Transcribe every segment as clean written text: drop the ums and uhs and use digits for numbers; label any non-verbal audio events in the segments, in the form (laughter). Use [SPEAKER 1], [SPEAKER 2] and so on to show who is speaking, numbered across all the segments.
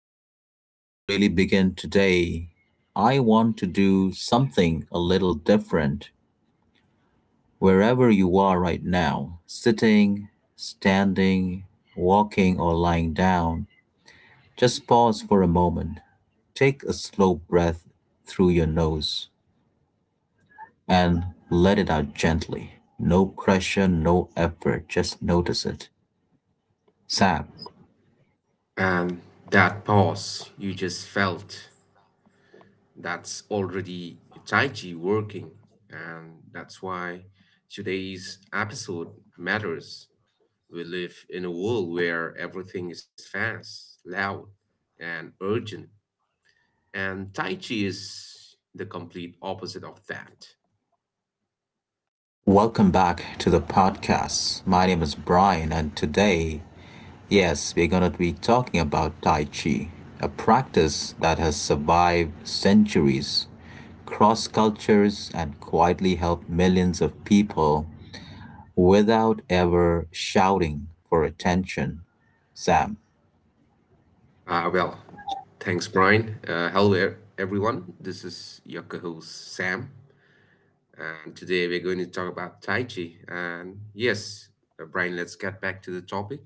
[SPEAKER 1] Before we really begin today, I want to do something a little different wherever you are right now sitting, standing, walking, or lying down. Just pause for a moment. Take a slow breath through your nose and let it out gently. No pressure, no effort, just notice it. Sam,
[SPEAKER 2] And that pause you just felt, that's already Tai Chi working. And that's why today's episode matters. We live in a world where everything is fast, loud, and urgent. And Tai Chi is the complete opposite of that.
[SPEAKER 1] welcome back to the podcast. My name is Brian, and today yes, we're going to be talking about Tai Chi, a practice that has survived centuries, crossed cultures, and quietly helped millions of people without ever shouting for attention. Sam.
[SPEAKER 2] Uh, well, Thanks, Brian. Hello, everyone. This is your co host, Sam. And today we're going to talk about Tai Chi. And yes, Brian, let's get back to the topic.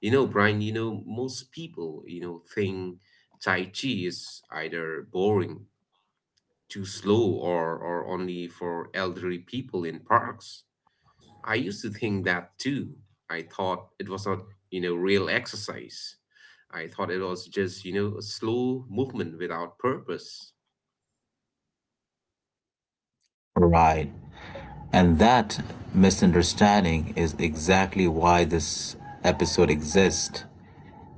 [SPEAKER 2] Brian, most people, think Tai Chi is either boring, too slow, or only for elderly people in parks. I used to think that too. I thought it was not, real exercise. I thought it was just, a slow movement without purpose.
[SPEAKER 1] Right. And that misunderstanding is exactly why this episode exists.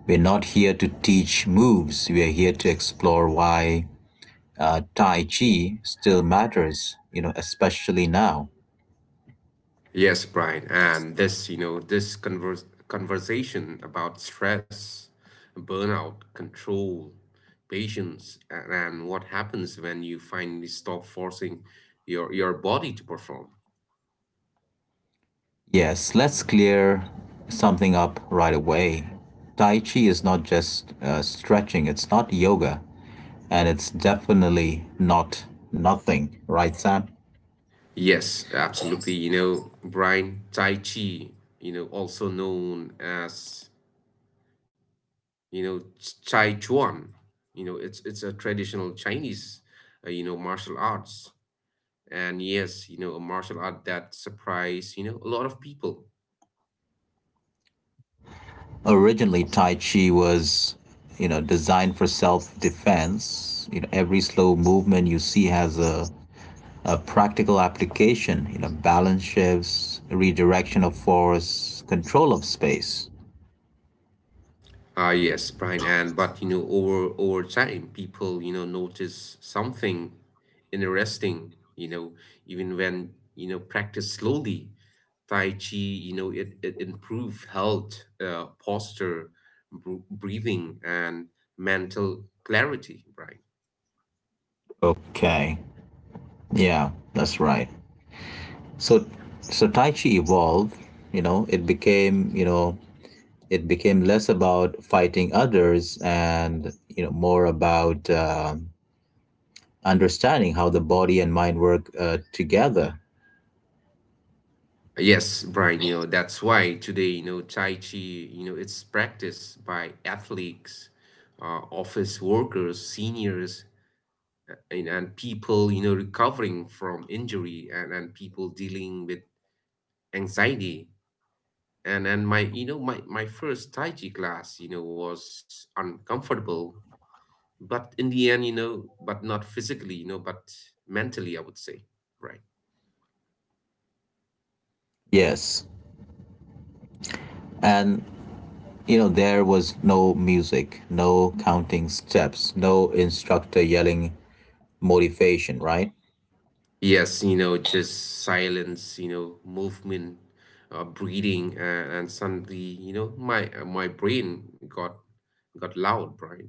[SPEAKER 1] We're not here to teach moves, we are here to explore why Tai Chi still matters, you know, especially now.
[SPEAKER 2] Yes, Brian, and this conversation about stress, burnout, control, patience, and what happens when you finally stop forcing your body to perform.
[SPEAKER 1] Yes, let's clear something up right away. Tai Chi is not just stretching, it's not yoga, and it's definitely not nothing, right, Sam?
[SPEAKER 2] Yes, absolutely. Brian, Tai Chi, also known as, Chai Chuan. It's a traditional Chinese, martial arts, and yes, a martial art that surprised, a lot of people.
[SPEAKER 1] Originally, Tai Chi was, you know, designed for self defense. You know, every slow movement you see has a practical application, you know, balance shifts, redirection of force, control of space.
[SPEAKER 2] Ah, yes, Brian, and but over time, people, notice something interesting, even when, practice slowly. Tai Chi, it improve health, posture, breathing, and mental clarity, right?
[SPEAKER 1] Okay. Yeah, that's right. So so Tai Chi evolved, you know, it became, you know, it became less about fighting others and, you know, more about understanding how the body and mind work together.
[SPEAKER 2] Yes, Brian, that's why today, Tai Chi, it's practiced by athletes, office workers, seniors, and people, recovering from injury, and people dealing with anxiety. And my first Tai Chi class, was uncomfortable, but in the end, but not physically, but mentally, I would say, right?
[SPEAKER 1] Yes. And, you know, there was no music, no counting steps, no instructor yelling motivation, right?
[SPEAKER 2] Yes, just silence, movement, breathing, and suddenly my brain got loud, right?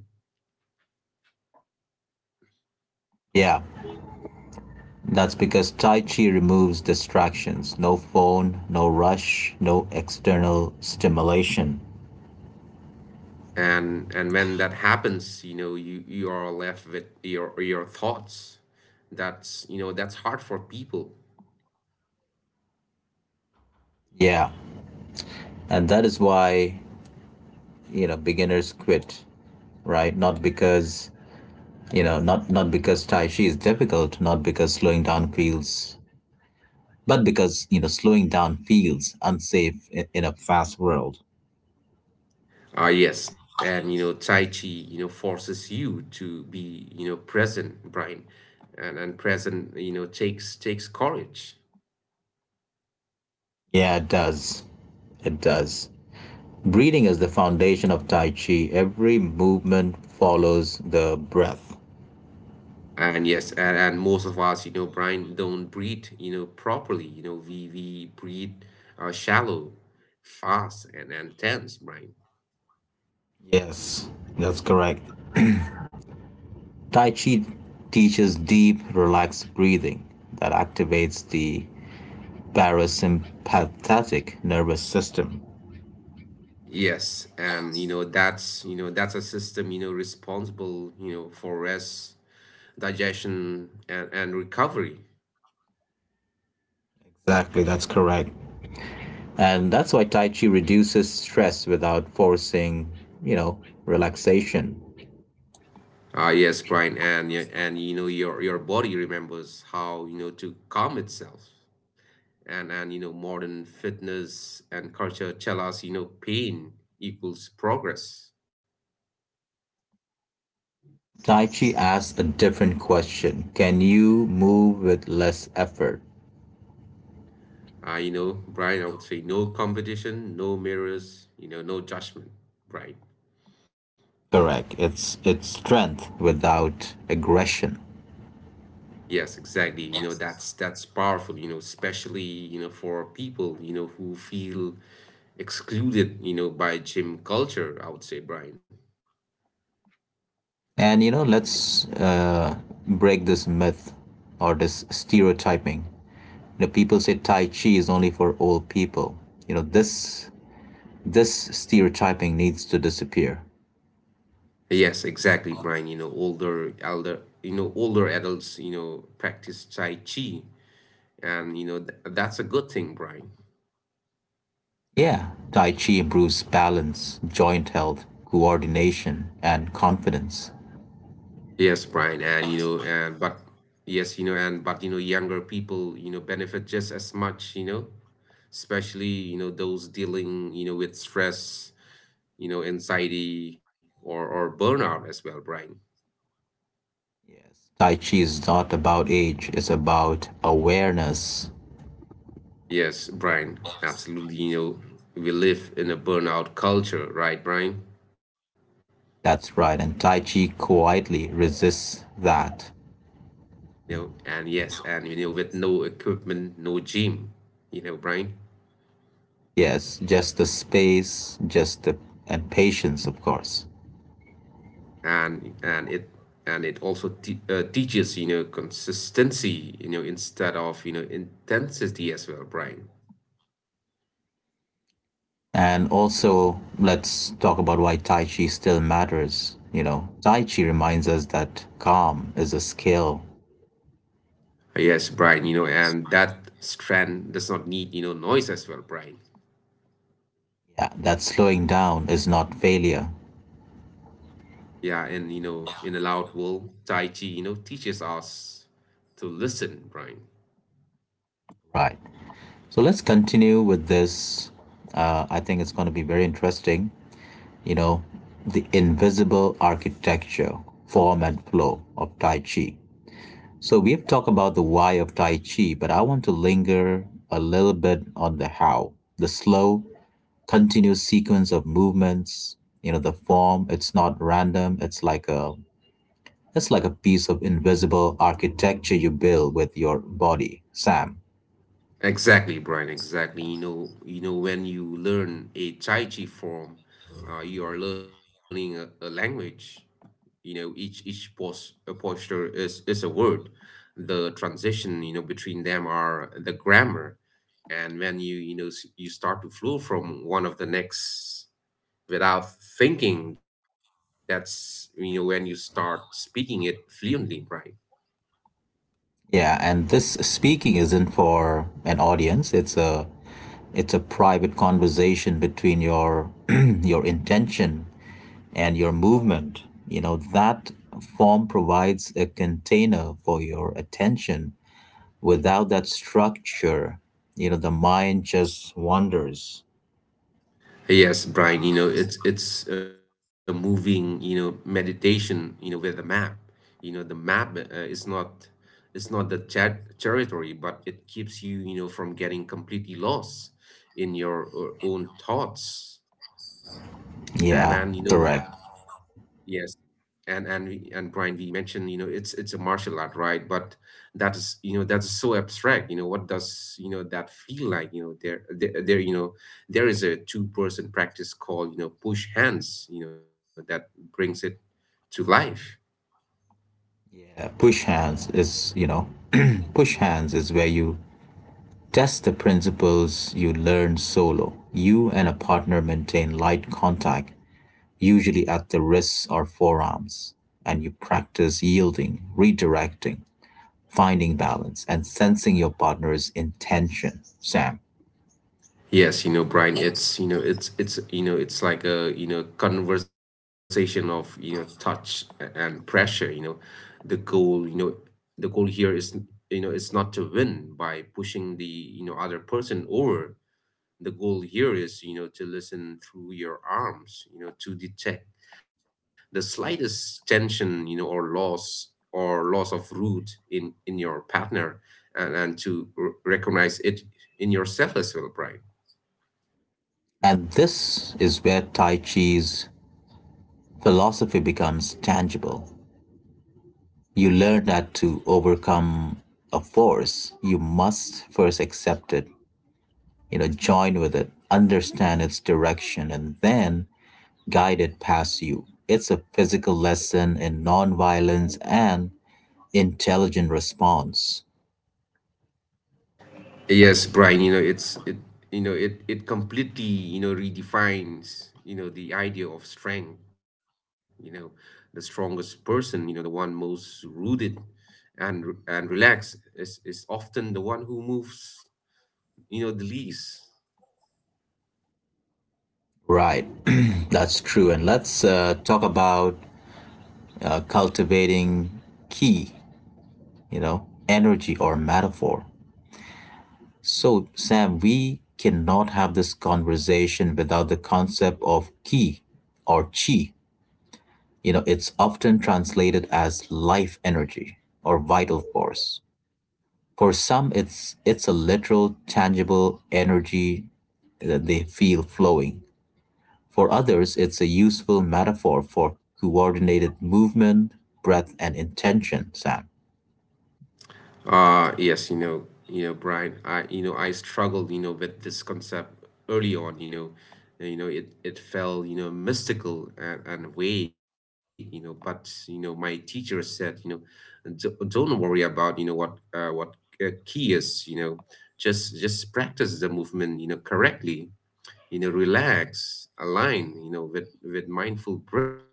[SPEAKER 1] Yeah. That's because Tai Chi removes distractions no phone, no rush, no external stimulation.
[SPEAKER 2] And when that happens, you are left with your thoughts. That's you know that's hard for people.
[SPEAKER 1] Yeah. And that is why, you know, beginners quit, right? Not because, you know, not because Tai Chi is difficult, not because slowing down feels, but because, you know, slowing down feels unsafe in a fast world.
[SPEAKER 2] Ah, yes, and Tai Chi forces you to be present, Brian. And present takes courage.
[SPEAKER 1] Yeah, it does. It does. Breathing is the foundation of Tai Chi. Every movement follows the breath.
[SPEAKER 2] And yes, and most of us, Brian, don't breathe properly. We breathe shallow, fast, and tense, Brian.
[SPEAKER 1] Yes, that's correct. Tai Chi teaches deep, relaxed breathing that activates the parasympathetic nervous system.
[SPEAKER 2] Yes, and that's a system responsible for rest, digestion, and recovery.
[SPEAKER 1] Exactly, that's correct. And that's why Tai Chi reduces stress without forcing, you know, relaxation.
[SPEAKER 2] Ah, yes, Brian, and your body remembers how to calm itself. And modern fitness and culture tell us pain equals progress.
[SPEAKER 1] Tai Chi asks a different question. Can you move with less effort?
[SPEAKER 2] Ah, Brian, I would say no competition, no mirrors, no judgment, Brian.
[SPEAKER 1] Correct. It's strength without aggression.
[SPEAKER 2] Yes, exactly. That's powerful, especially, for people, who feel excluded, by gym culture, I would say, Brian.
[SPEAKER 1] And you know, let's break this myth or this stereotyping. You know, people say Tai Chi is only for old people. You know, this stereotyping needs to disappear.
[SPEAKER 2] Yes, exactly, Brian. Older adults, practice Tai Chi, and you know, th that's a good thing, Brian.
[SPEAKER 1] Yeah, Tai Chi improves balance, joint health, coordination, and confidence.
[SPEAKER 2] Yes, Brian, and you know, and but yes, you know, and but you know, younger people, benefit just as much, especially, those dealing, with stress, anxiety, or burnout as well, Brian.
[SPEAKER 1] Yes. Tai Chi is not about age, it's about awareness.
[SPEAKER 2] Yes, Brian, absolutely. We live in a burnout culture, right, Brian?
[SPEAKER 1] That's right, and Tai Chi quietly resists that.
[SPEAKER 2] You know, and yes, and you know, with no equipment, no gym, Brian.
[SPEAKER 1] Yes, just the space, just the and patience, of course.
[SPEAKER 2] And it also te teaches consistency, instead of intensity as well, Brian.
[SPEAKER 1] And also, let's talk about why Tai Chi still matters. You know, Tai Chi reminds us that calm is a skill.
[SPEAKER 2] Yes, Brian, and that strand does not need noise as well, Brian.
[SPEAKER 1] Yeah, that slowing down is not failure.
[SPEAKER 2] Yeah, and in a loud world, Tai Chi, teaches us to listen, Brian.
[SPEAKER 1] Right. So let's continue with this. I think it's going to be very interesting. You know, the invisible architecture, form, and flow of Tai Chi. So we have talked about the why of Tai Chi, but I want to linger a little bit on the how. The slow, continuous sequence of movements, you know, the form, it's not random, it's like a piece of invisible architecture you build with your body, Sam.
[SPEAKER 2] Exactly, Brian, exactly. When you learn a Tai Chi form, you are learning a language. Each posture is a word. The transition, between them are the grammar. And when you start to flow from one of the next without thinking. That's when you start speaking it fluently, Brian.
[SPEAKER 1] Yeah, and this speaking isn't for an audience. It's a private conversation between your (clears throat) your intention and your movement you know that form provides a container for your attention without that structure you know the mind just wanders
[SPEAKER 2] Yes, Brian. It's a moving meditation, with a map. The map is not it's not the chat territory, but it keeps you you know from getting completely lost in your own thoughts. And
[SPEAKER 1] yeah
[SPEAKER 2] then you know
[SPEAKER 1] correct
[SPEAKER 2] Yes, and we, and Brian, we mentioned, it's a martial art, right? But that's so abstract. What does that feel like? There is a two-person practice called push hands. That brings it to life.
[SPEAKER 1] yeah push hands is you know (clears throat) push hands is where you test the principles you learn solo you and a partner maintain light contact usually at the wrists or forearms and you practice yielding redirecting finding balance and sensing your partner's intention, Sam.
[SPEAKER 2] Yes, Brian, it's like a conversation of touch and pressure. The goal, you know, the goal here is it's not to win by pushing the other person over. The goal here is to listen through your arms, to detect the slightest tension, or loss of root in your partner, and to recognize it in yourself as well, Brian.
[SPEAKER 1] And this is where Tai Chi's philosophy becomes tangible. You learn that to overcome a force, you must first accept it, you know, join with it, understand its direction, and then guide it past you. It's a physical lesson in nonviolence and intelligent response.
[SPEAKER 2] Yes, Brian, it completely, redefines, the idea of strength. you know, the strongest person, the one most rooted and relaxed is often the one who moves, the least.
[SPEAKER 1] Right, (clears throat) that's true. And let's talk about cultivating key, you know, energy or metaphor. So, Sam, we cannot have this conversation without the concept of ki or chi. You know, it's often translated as life energy or vital force. For some, it's a literal, tangible energy that they feel flowing. For others, it's a useful metaphor for coordinated movement, breath, and intention, Sam.
[SPEAKER 2] Yes, Brian, I struggled, with this concept early on, and, it felt, mystical and vague, but, my teacher said, Don't worry about, what key is, just practice the movement, correctly, relax, align, with, mindful breath,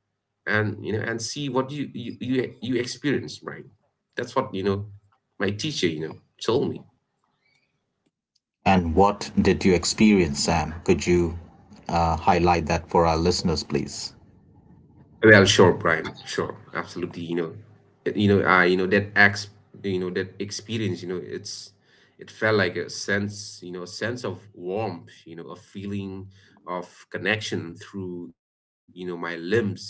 [SPEAKER 2] and see what you experience, Brian." That's what, my teacher, told me.
[SPEAKER 1] And what did you experience, Sam? Could you highlight that for our listeners, please?
[SPEAKER 2] Well, sure, Brian, sure, absolutely. I that experience, it's, it felt like a sense of warmth, a feeling of connection through my limbs,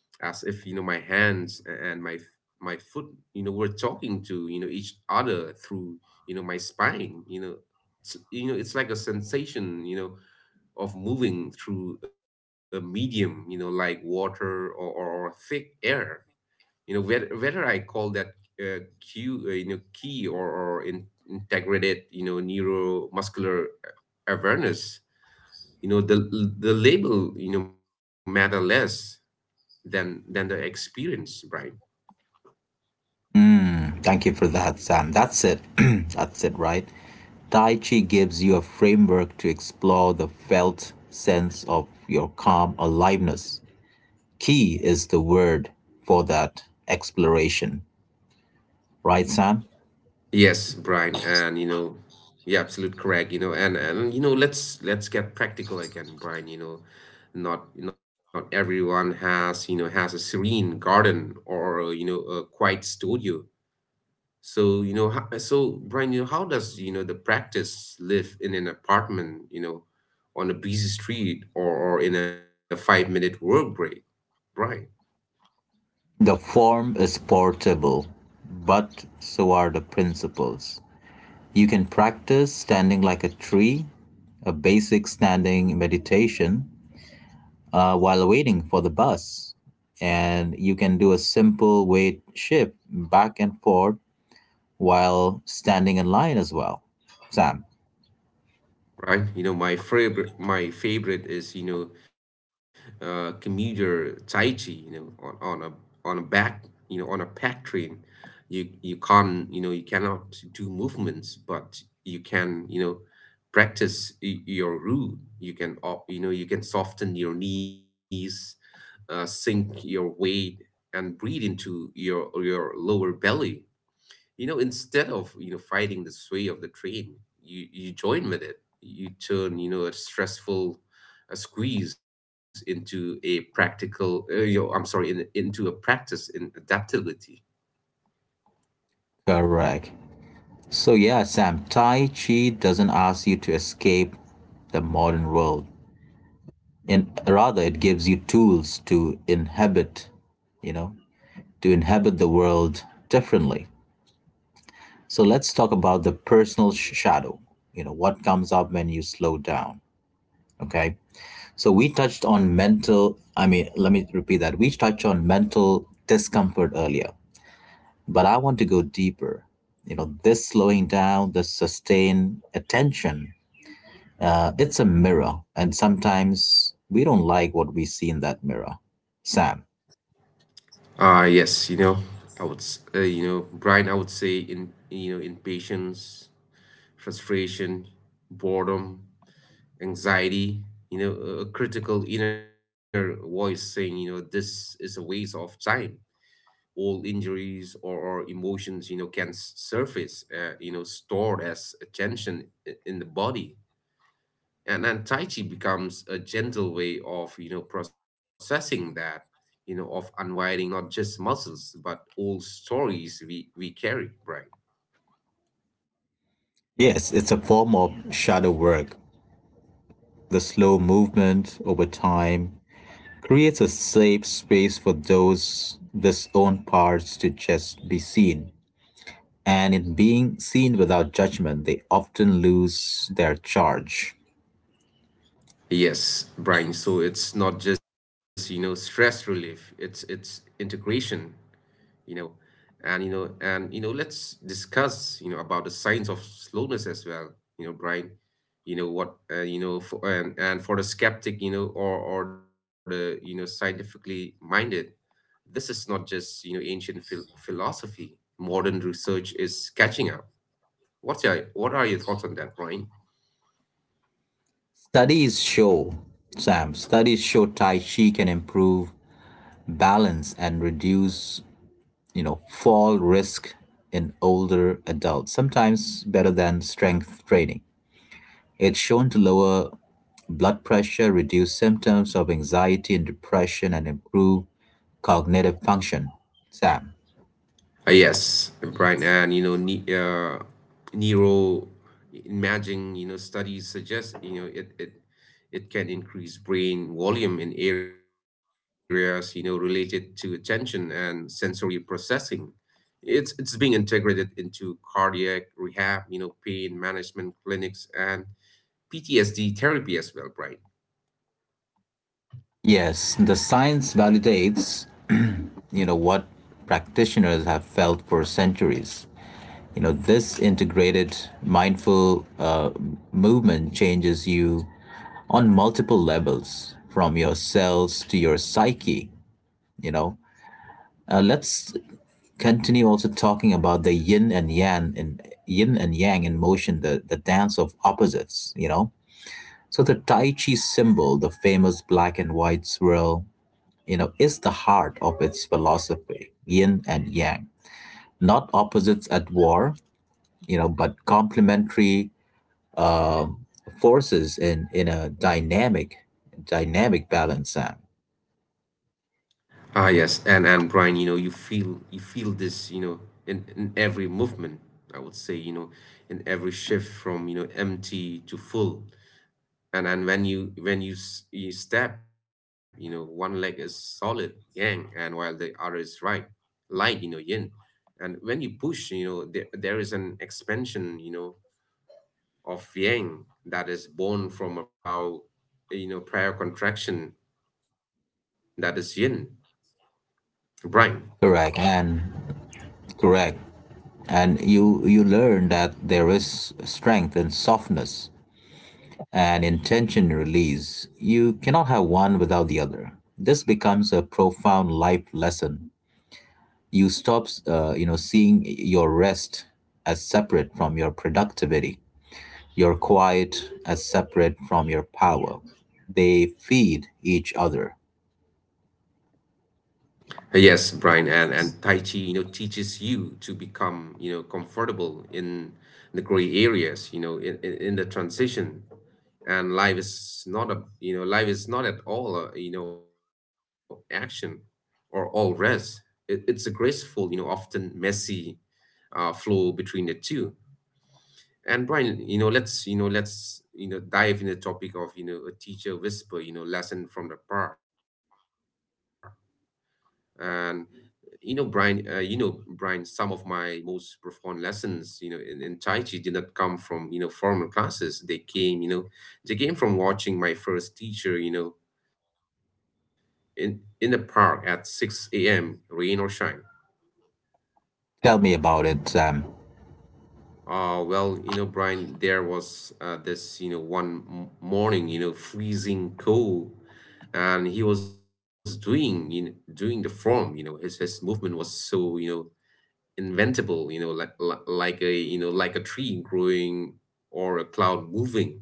[SPEAKER 2] as if my hands and my foot, were talking to each other through my spine. It's like a sensation of moving through a medium, like water, or thick air. Whether I call that uh, cue you know key, or integrated neuromuscular awareness, you know the the label, matter less than the experience, right?
[SPEAKER 1] Mm. Thank you for that, Sam. That's it. (clears throat) That's it, right? Tai Chi gives you a framework to explore the felt sense of your calm aliveness. Key is the word for that exploration, right, Sam?
[SPEAKER 2] Yes, Brian, and yeah, absolute correct. You know, and you know, let's get practical again, Brian. Not everyone has a serene garden or a quiet studio. So, Brian, how does the practice live in an apartment? On a busy street or in a 5-minute work break, Brian?
[SPEAKER 1] The form is portable, but so are the principles. You can practice standing like a tree, a basic standing meditation while waiting for the bus. And you can do a simple weight shift back and forth while standing in line as well. Sam.
[SPEAKER 2] Right, my favorite is commuter Tai Chi. You know, on, on a on a back, you know, on a pack train, you cannot do movements, but you can, practice your route. You can soften your knees, sink your weight, and breathe into your lower belly instead of fighting the sway of the train. You join with it, you turn a squeeze into a practical you know, I'm sorry in, into a practice in adaptability.
[SPEAKER 1] Correct. So, yeah, Sam, Tai Chi doesn't ask you to escape the modern world. And rather, it gives you tools to inhabit, you know, to inhabit the world differently. So let's talk about the personal shadow. You know, what comes up when you slow down. Okay. So we touched on mental, I mean, let me repeat that. We touched on mental discomfort earlier, but I want to go deeper. You know, this slowing down, this sustained attention, it's a mirror. And sometimes we don't like what we see in that mirror. Sam.
[SPEAKER 2] Ah, yes, you know, I would, s- you know, Brian, I would say in, patience, frustration, boredom, anxiety, you know, a critical inner voice saying, this is a waste of time. All injuries or emotions, can surface, stored as a tension in the body. And then Tai Chi becomes a gentle way of, processing that, of unwinding not just muscles, but all stories we carry, right?
[SPEAKER 1] Yes, it's a form of shadow work. The slow movement over time, creates a safe space for those whose own parts to just be seen. And in being seen without judgment, they often lose their charge.
[SPEAKER 2] Yes, Brian. So it's not just, stress relief, it's integration. you know. Let's discuss, about the signs of slowness as well, Brian. You know what, you know, for, and for the skeptic, or the scientifically minded, this is not just, ancient philosophy. Modern research is catching up. What are your thoughts on that, Brian?
[SPEAKER 1] Studies show, Studies show Tai Chi can improve balance and reduce, you know, fall risk in older adults, sometimes better than strength training. It's shown to lower blood pressure reduce symptoms of anxiety and depression and improve cognitive function. Sam.
[SPEAKER 2] Yes, Brian, and neuro imaging, studies suggest it can increase brain volume in areas related to attention and sensory processing. It's being integrated into cardiac rehab, pain management clinics, and PTSD therapy as well, Brian.
[SPEAKER 1] Yes, the science validates, you know, what practitioners have felt for centuries. You know, this integrated mindful movement changes you on multiple levels, from your cells to your psyche. You know, let's continue also talking about the yin and yang in yin and yang in motion, the dance of opposites, you know. So the Tai Chi symbol, the famous black and white swirl, you know, is the heart of its philosophy, yin and yang. Not opposites at war, you know, but complementary uh, forces in a dynamic balance,
[SPEAKER 2] Ah yes, and Brian, you feel this, in every movement, I would say, in every shift from, empty to full. And you step, one leg is solid, yang, and while the other is right, light, yin. And when you push, there is an expansion, of yang that is born from a proud, prior contraction, that is yin, Brian.
[SPEAKER 1] correct and correct. And you learn that there is strength and softness and intention release, you cannot have one without the other. This becomes a profound life lesson. You stop, you know, seeing your rest as separate from your productivity, your quiet as separate from your power. They feed each other.
[SPEAKER 2] Yes, Brian, and Tai Chi, teaches you to become, comfortable in the gray areas, in, the transition. And life is not a, you know, life is not at all action or all rest. It's a graceful, often messy flow between the two. And Brian, let's, dive in the topic of, a teacher whisper, lesson from the past. And you know, Brian, some of my most profound lessons, in Tai Chi did not come from, formal classes. They came from watching my first teacher, in the park at 6 a.m., rain or shine.
[SPEAKER 1] Tell me about it, Sam.
[SPEAKER 2] Well, Brian, there was this one morning, freezing cold, and he was doing the form. His movement was so, inventable, like a tree growing or a cloud moving.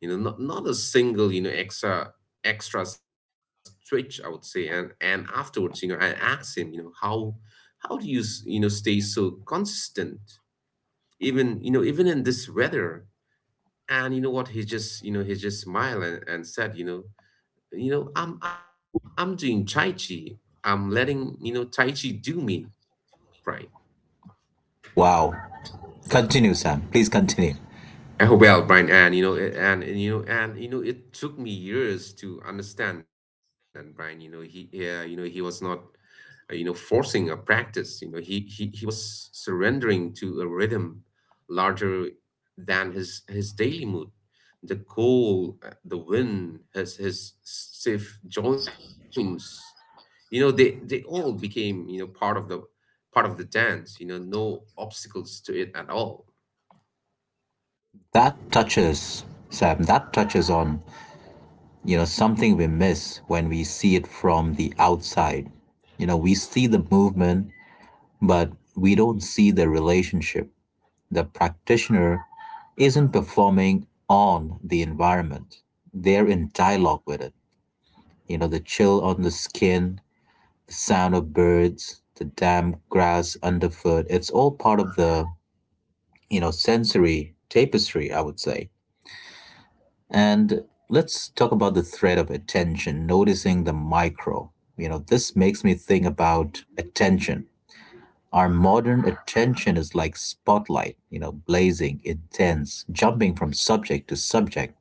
[SPEAKER 2] Not a single extra switch, I would say. And afterwards, I asked him, how do you s- you know stay so consistent, even you know even in this weather? And you know what he just smiled, and said, I'm doing Tai Chi, I'm letting Tai Chi do me, right?
[SPEAKER 1] Wow. Continue, Sam. Please continue.
[SPEAKER 2] Oh, well, Brian, and you know, it- and you know, it took me years to understand that, Brian. He was not, forcing a practice. He was surrendering to a rhythm larger than his daily mood. The cold, the wind, his stiff joints, they all became, part of the dance. No obstacles to it at all.
[SPEAKER 1] That touches, Sam, that touches on you know, something we miss when we see it from the outside. You know, we see the movement, but we don't see the relationship. The practitioner isn't performing on the environment. They're in dialogue with it. You know, the chill on the skin, the sound of birds, the damp grass underfoot. It's all part of the, you know, sensory tapestry, I would say. And let's talk about the thread of attention, noticing the micro. You know, this makes me think about attention. Our modern attention is like spotlight, you know, blazing, intense, jumping from subject to subject.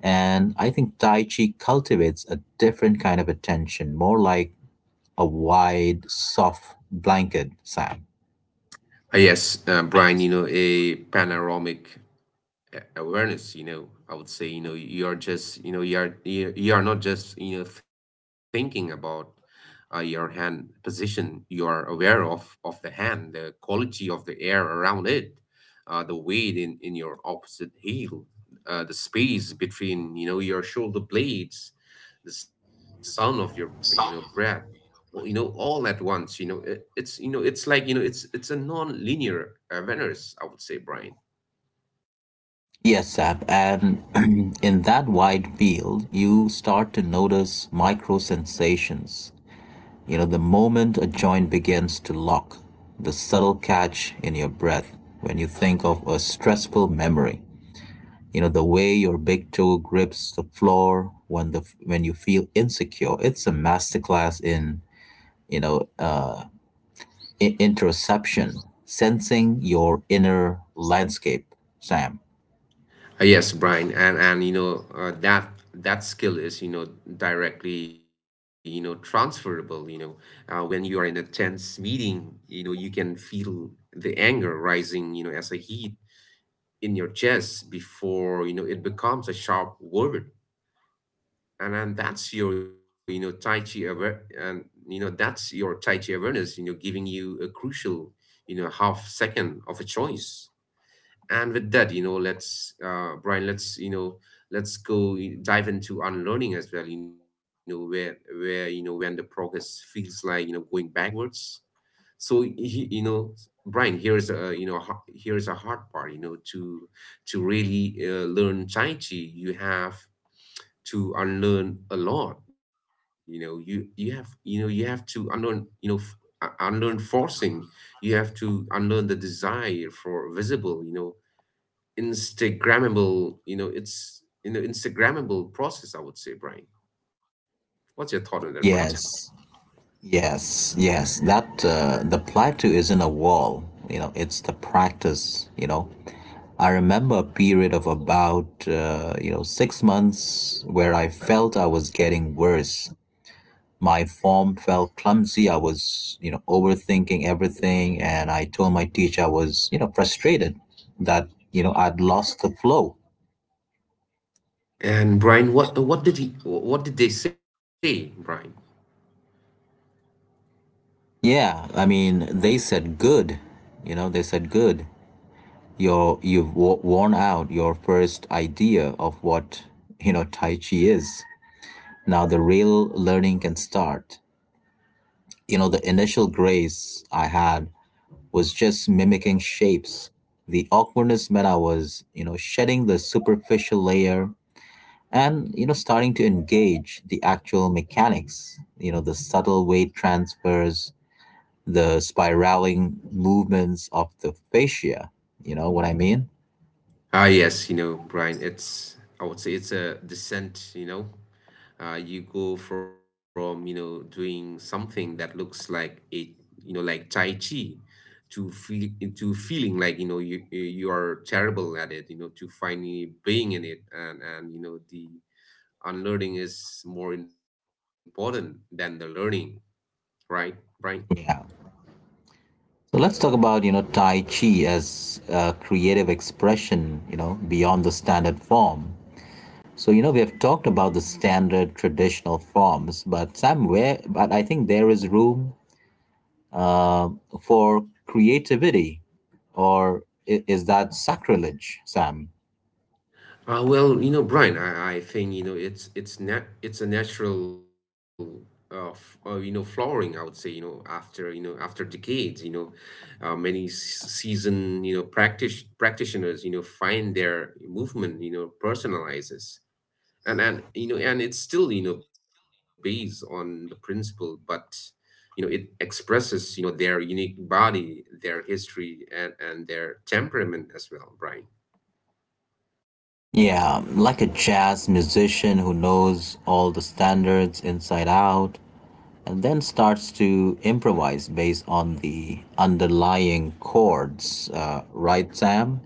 [SPEAKER 1] And I think Tai Chi cultivates a different kind of attention, more like a wide, soft blanket, Sam.
[SPEAKER 2] Yes, Brian, a panoramic awareness, I would say. You are not just thinking about your hand position. You are aware of the hand, the quality of the air around it, the weight in your opposite heel, the space between your shoulder blades, the sound of your breath. Well, all at once. It's it's like, it's a non-linear awareness, I would say, Brian.
[SPEAKER 1] Yes, Sap. And (clears throat) in that wide field, you start to notice micro sensations, you know, the moment a joint begins to lock, the subtle catch in your breath when you think of a stressful memory. You know, the way your big toe grips the floor when the when you feel insecure. It's a masterclass in you know interception, sensing your inner landscape, Sam.
[SPEAKER 2] Yes, Brian, and that skill is directly transferable. When you are in a tense meeting, you can feel the anger rising, as a heat in your chest before it becomes a sharp word. And that's your you know Tai Chi aware, and you know that's your Tai Chi awareness, giving you a crucial half second of a choice. And with that, let's brian let's you know let's go I- dive into unlearning as well. Where you know When the progress feels like, going backwards. So, Brian, here is a here is a hard part. To really learn Tai Chi, you have to unlearn a lot. You have to unlearn, unlearn forcing. You have to unlearn the desire for visible, Instagrammable, you know, it's you know Instagrammable process, I would say, Brian. What's your thought on that, Brian?
[SPEAKER 1] Yes, yes. That the plateau isn't a wall. You know, it's the practice. You know, I remember a period of about, you know, 6 months where I felt I was getting worse. My form felt clumsy. I was, you know, overthinking everything. And I told my teacher I was, you know, frustrated that, you know, I'd lost the flow.
[SPEAKER 2] And Brian, what did they say, Brian?
[SPEAKER 1] Yeah, I mean, they said good. You know, they said good. You've worn out your first idea of what you know Tai Chi is. Now the real learning can start. You know, the initial grace I had was just mimicking shapes. The awkwardness meant I was, you know, shedding the superficial layer and, you know, starting to engage the actual mechanics, you know, the subtle weight transfers, the spiraling movements of the fascia. You know what I mean?
[SPEAKER 2] Ah, yes, Brian. It's I would say it's a descent. You go from doing something that looks like a you know like Tai Chi, to feel to feeling like, you are terrible at it, to finally being in it. And the unlearning is more important than the learning, right, Brian?
[SPEAKER 1] Yeah. So let's talk about, you know, Tai Chi as a creative expression, you know, beyond the standard form. So, we have talked about the standard traditional forms, but somewhere, but I think there is room for creativity. Or is that sacrilege, Sam?
[SPEAKER 2] Well, Brian, I think, it's a natural f you know flowering, I would say. After after decades, many seasoned practice practitioners find their movement personalizes. And it's still, based on the principle, but, it expresses, their unique body, their history, and their temperament as well, Brian.
[SPEAKER 1] Yeah, like a jazz musician who knows all the standards inside out and then starts to improvise based on the underlying chords, right, Sam?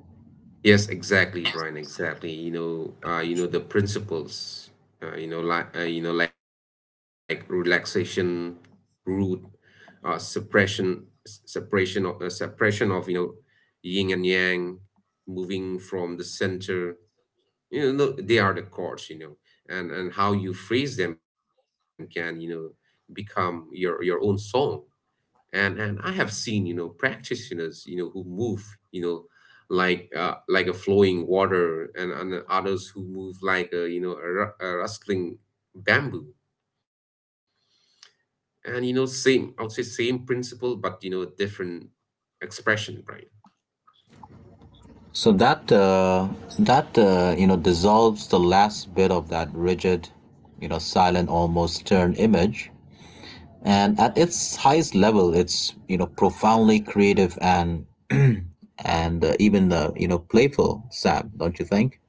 [SPEAKER 2] Yes, exactly, Brian. Exactly the principles, like relaxation, root, suppression, s- separation of suppression of, yin and yang, moving from the center, they are the chords. And how you phrase them can, become your own song. And I have seen, practitioners, who move, like a flowing water, and others who move like a rustling bamboo. And you know same I would say, same principle, but, different expression, right?
[SPEAKER 1] So that dissolves the last bit of that rigid, silent, almost stern image, and at its highest level, it's profoundly creative and (clears throat) and even playful. Sam, don't you think?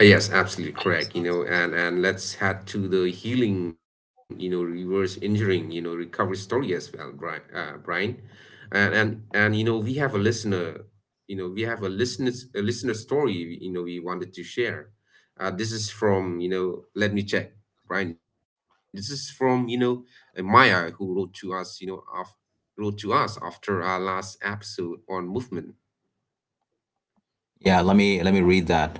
[SPEAKER 2] Yes, absolutely correct. And let's head to the healing, reverse engineering, recovery story as well, Brian. Brian, and and and you know, we have a listener, we have a listener, a listener story, we wanted to share. This is from, let me check, Brian. This is from, Maya, who wrote to us after our last episode on movement.
[SPEAKER 1] Yeah, let me read that.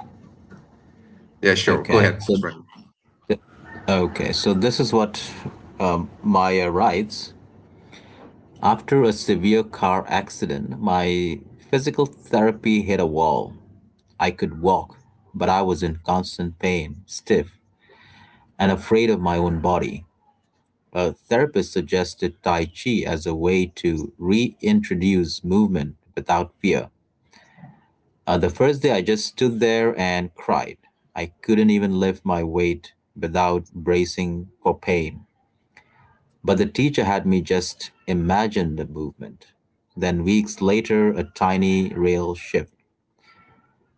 [SPEAKER 2] Yeah, sure. Go
[SPEAKER 1] Okay,
[SPEAKER 2] ahead,
[SPEAKER 1] so
[SPEAKER 2] Brian.
[SPEAKER 1] this is what Maya writes. After a severe car accident, my physical therapy hit a wall. I could walk, but I was in constant pain, stiff, and afraid of my own body. A therapist suggested Tai Chi as a way to reintroduce movement without fear. The first day, I just stood there and cried. I couldn't even lift my weight without bracing for pain. But the teacher had me just imagine the movement. Then, weeks later, a tiny real shift.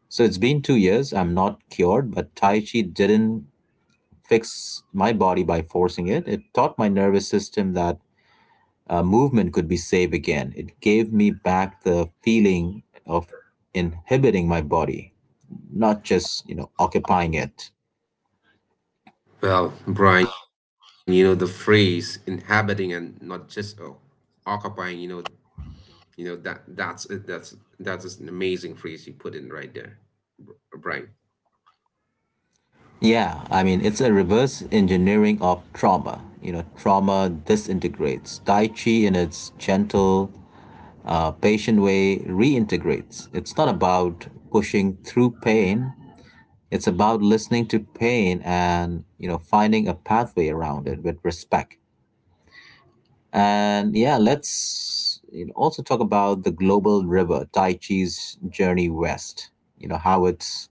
[SPEAKER 1] So it's been 2 years. I'm not cured, but Tai Chi didn't fix my body by forcing it. It taught my nervous system that movement could be safe again. It gave me back the feeling of inhibiting my body, not just, occupying it.
[SPEAKER 2] Well, Brian, the phrase inhabiting and not just, occupying, that's it. That's just an amazing phrase you put in right there, Brian.
[SPEAKER 1] Yeah, I mean, it's a reverse engineering of trauma. You know, trauma disintegrates. Tai Chi, in its gentle, patient way, reintegrates. It's not about pushing through pain, it's about listening to pain and, finding a pathway around it with respect. And yeah, let's also talk about the global river, Tai Chi's journey west. You know, how it's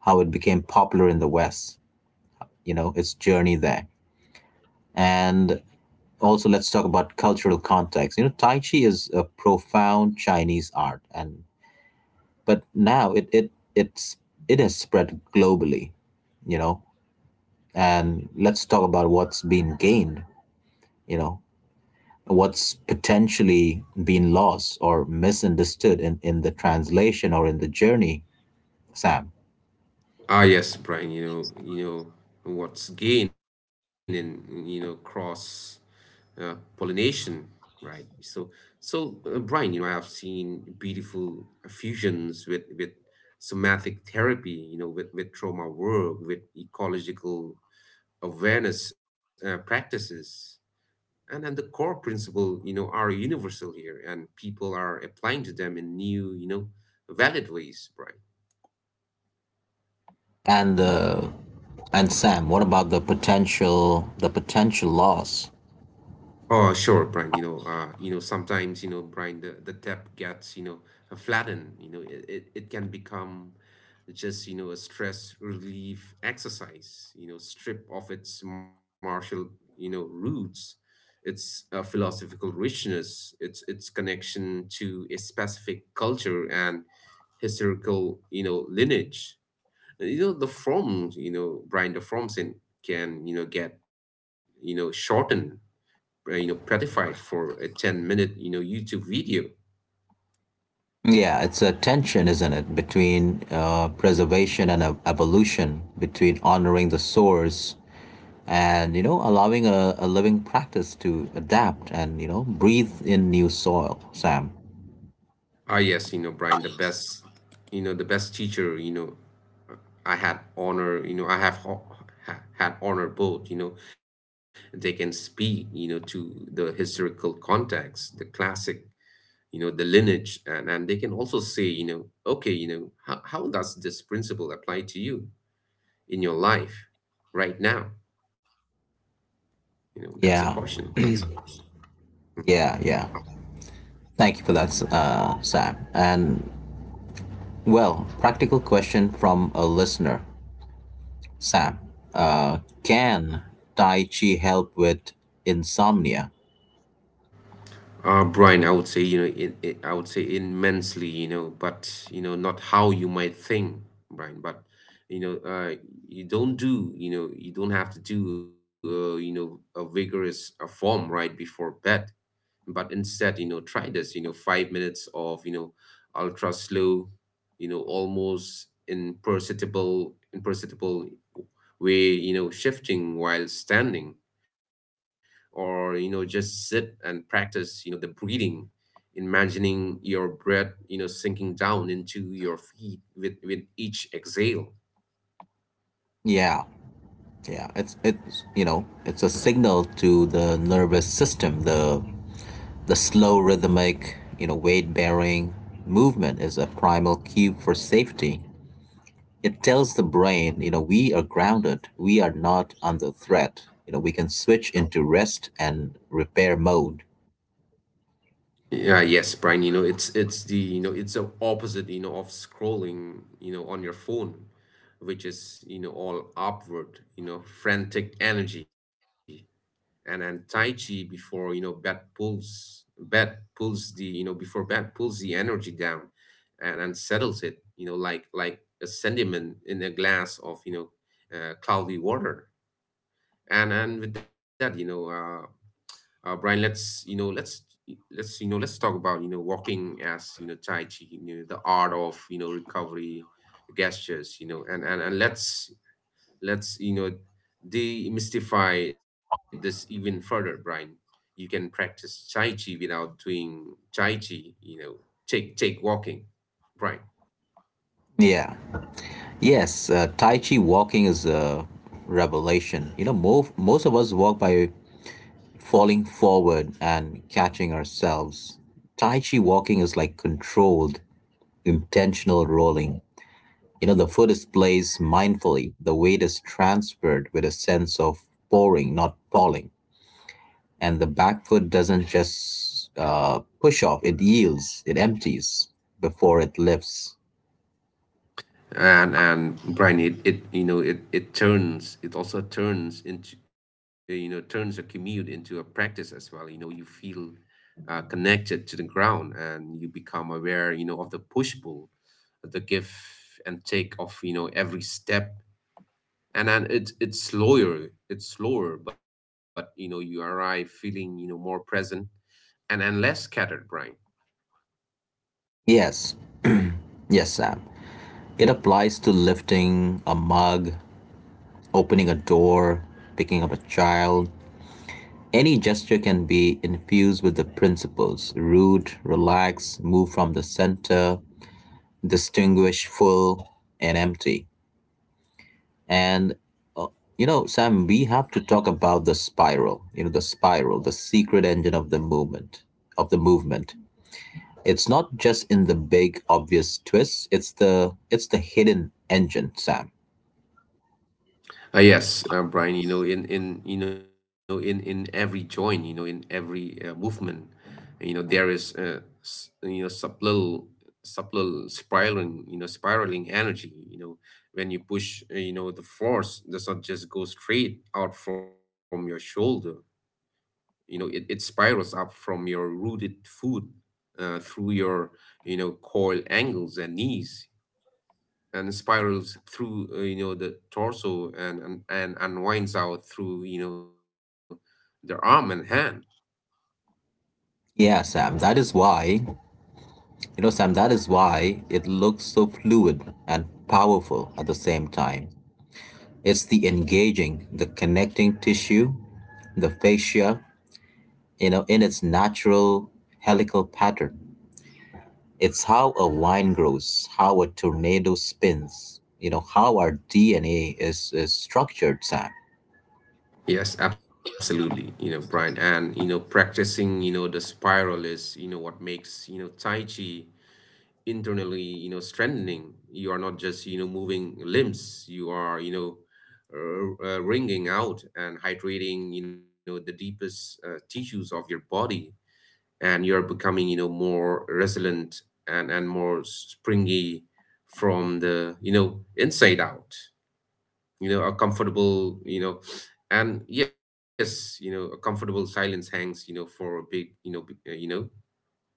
[SPEAKER 1] how it became popular in the West, its journey there. And also let's talk about cultural context. You know, Tai Chi is a profound Chinese art and but now it's it has spread globally, you know, and let's talk about what's been gained you know what's potentially been lost or misunderstood in the translation or in the journey, Sam.
[SPEAKER 2] Ah, yes, Brian, what's gained in, cross pollination, right? So, Brian, I have seen beautiful fusions with somatic therapy, with trauma work, with ecological awareness practices, and the core principle are universal here, and people are applying to them in new, valid ways, right?
[SPEAKER 1] And and Sam, what about the potential, the potential loss?
[SPEAKER 2] Oh, sure, Brian. Sometimes, Brian, the depth gets, flattened. It can become just, a stress relief exercise, strip of its martial, roots, its philosophical richness, its connection to a specific culture and historical, lineage. The forms, Brian, can, get, shortened, petified for a 10 minute, YouTube video.
[SPEAKER 1] Yeah, it's a tension, isn't it, between preservation and evolution, between honoring the source and allowing a living practice to adapt and breathe in new soil, Sam?
[SPEAKER 2] Ah, yes, Brian, the best, teacher, I had honor, you know, I have ho- ha- had honor both, they can speak, to the historical context, the classic, the lineage, and they can also say, okay, how does this principle apply to you in your life right now? That's a question, right?
[SPEAKER 1] Yeah. Yeah, yeah. Thank you for that, Sam. And well, practical question from a listener, Sam. Can Tai Chi help with insomnia?
[SPEAKER 2] Brian, I would say, you know, I would say immensely, you know, but, you know, not how you might think, Brian, but, you know, you don't have to do, you know, a vigorous a form right before bed, but instead, you know, try this, you know, 5 minutes of, you know, ultra slow, you know, almost imperceptible way, you know, shifting while standing, or, you know, just sit and practice, you know, the breathing imagining your breath, you know, sinking down into your feet with each exhale.
[SPEAKER 1] Yeah, yeah. It's it's a signal to the nervous system. The slow rhythmic weight bearing movement is a primal cue for safety. It tells the brain, we are grounded. We are not under threat. You know, we can switch into rest and repair mode.
[SPEAKER 2] Yeah, yes, Brian, you know, it's the opposite, you know, of scrolling, you know, on your phone, which is, you know, all upward, you know, frantic energy. And Tai Chi before, you know, bed pulls before bed pulls the energy down and settles it, you know, like a sediment in a glass of, you know, cloudy water. And with that, you know, Brian, let's talk about, you know, walking as, you know, Tai Chi, you know, the art of, you know, recovery gestures, you know. And let's demystify this even further, Brian. You can practice Tai Chi without doing Tai Chi, you know. Take walking, Brian.
[SPEAKER 1] Yeah. Yes, Tai Chi walking is a revelation. You know, most of us walk by falling forward and catching ourselves. Tai Chi walking is like controlled, intentional rolling. You know, the foot is placed mindfully, the weight is transferred with a sense of pouring, not falling. And the back foot doesn't just push off, it yields, it empties before it lifts.
[SPEAKER 2] And Brian, it turns it also turns into you know turns a commute into a practice as well. You know you feel connected to the ground and you become aware, you know, of the push pull, the give and take of, you know, every step. And then it's slower, but you know you arrive feeling, you know, more present and less scattered, Brian.
[SPEAKER 1] Yes, yes, Sam. It applies to lifting a mug, opening a door, picking up a child. Any gesture can be infused with the principles rude, relax, move from the center, distinguish full and empty. And you know, Sam, we have to talk about the spiral, you know, the spiral, the secret engine of the movement, of the movement. It's not just in the big obvious twists, it's the hidden engine, Sam.
[SPEAKER 2] Yes, Brian, you know, in every joint, you know, in every movement, you know, there is s- you know subtle subtle spiraling, you know, spiraling energy. You know, when you push, you know, the force does not just go straight out from your shoulder. You know, it spirals up from your rooted foot, through your, you know, coil ankles and knees and spirals through, you know, the torso and unwinds out through, you know, the arm and hand.
[SPEAKER 1] Yeah, Sam, that is why, you know, Sam, that is why it looks so fluid and powerful at the same time. It's the engaging, the connecting tissue, the fascia, in its natural helical pattern. It's how a vine grows, how a tornado spins, how our DNA is structured, Sam.
[SPEAKER 2] Yes, absolutely, you know, Brian. And, you know, practicing, you know, the spiral is, you know, what makes, you know, Tai Chi internally, you know, strengthening. You are not just, you know, moving limbs. You are, you know, wringing out and hydrating, you know, the deepest, tissues of your body. And you're becoming, you know, more resilient and more springy from the, you know, inside out. You know a comfortable you know and Yes, you know, a comfortable silence hangs, you know, for a big, you know, you know,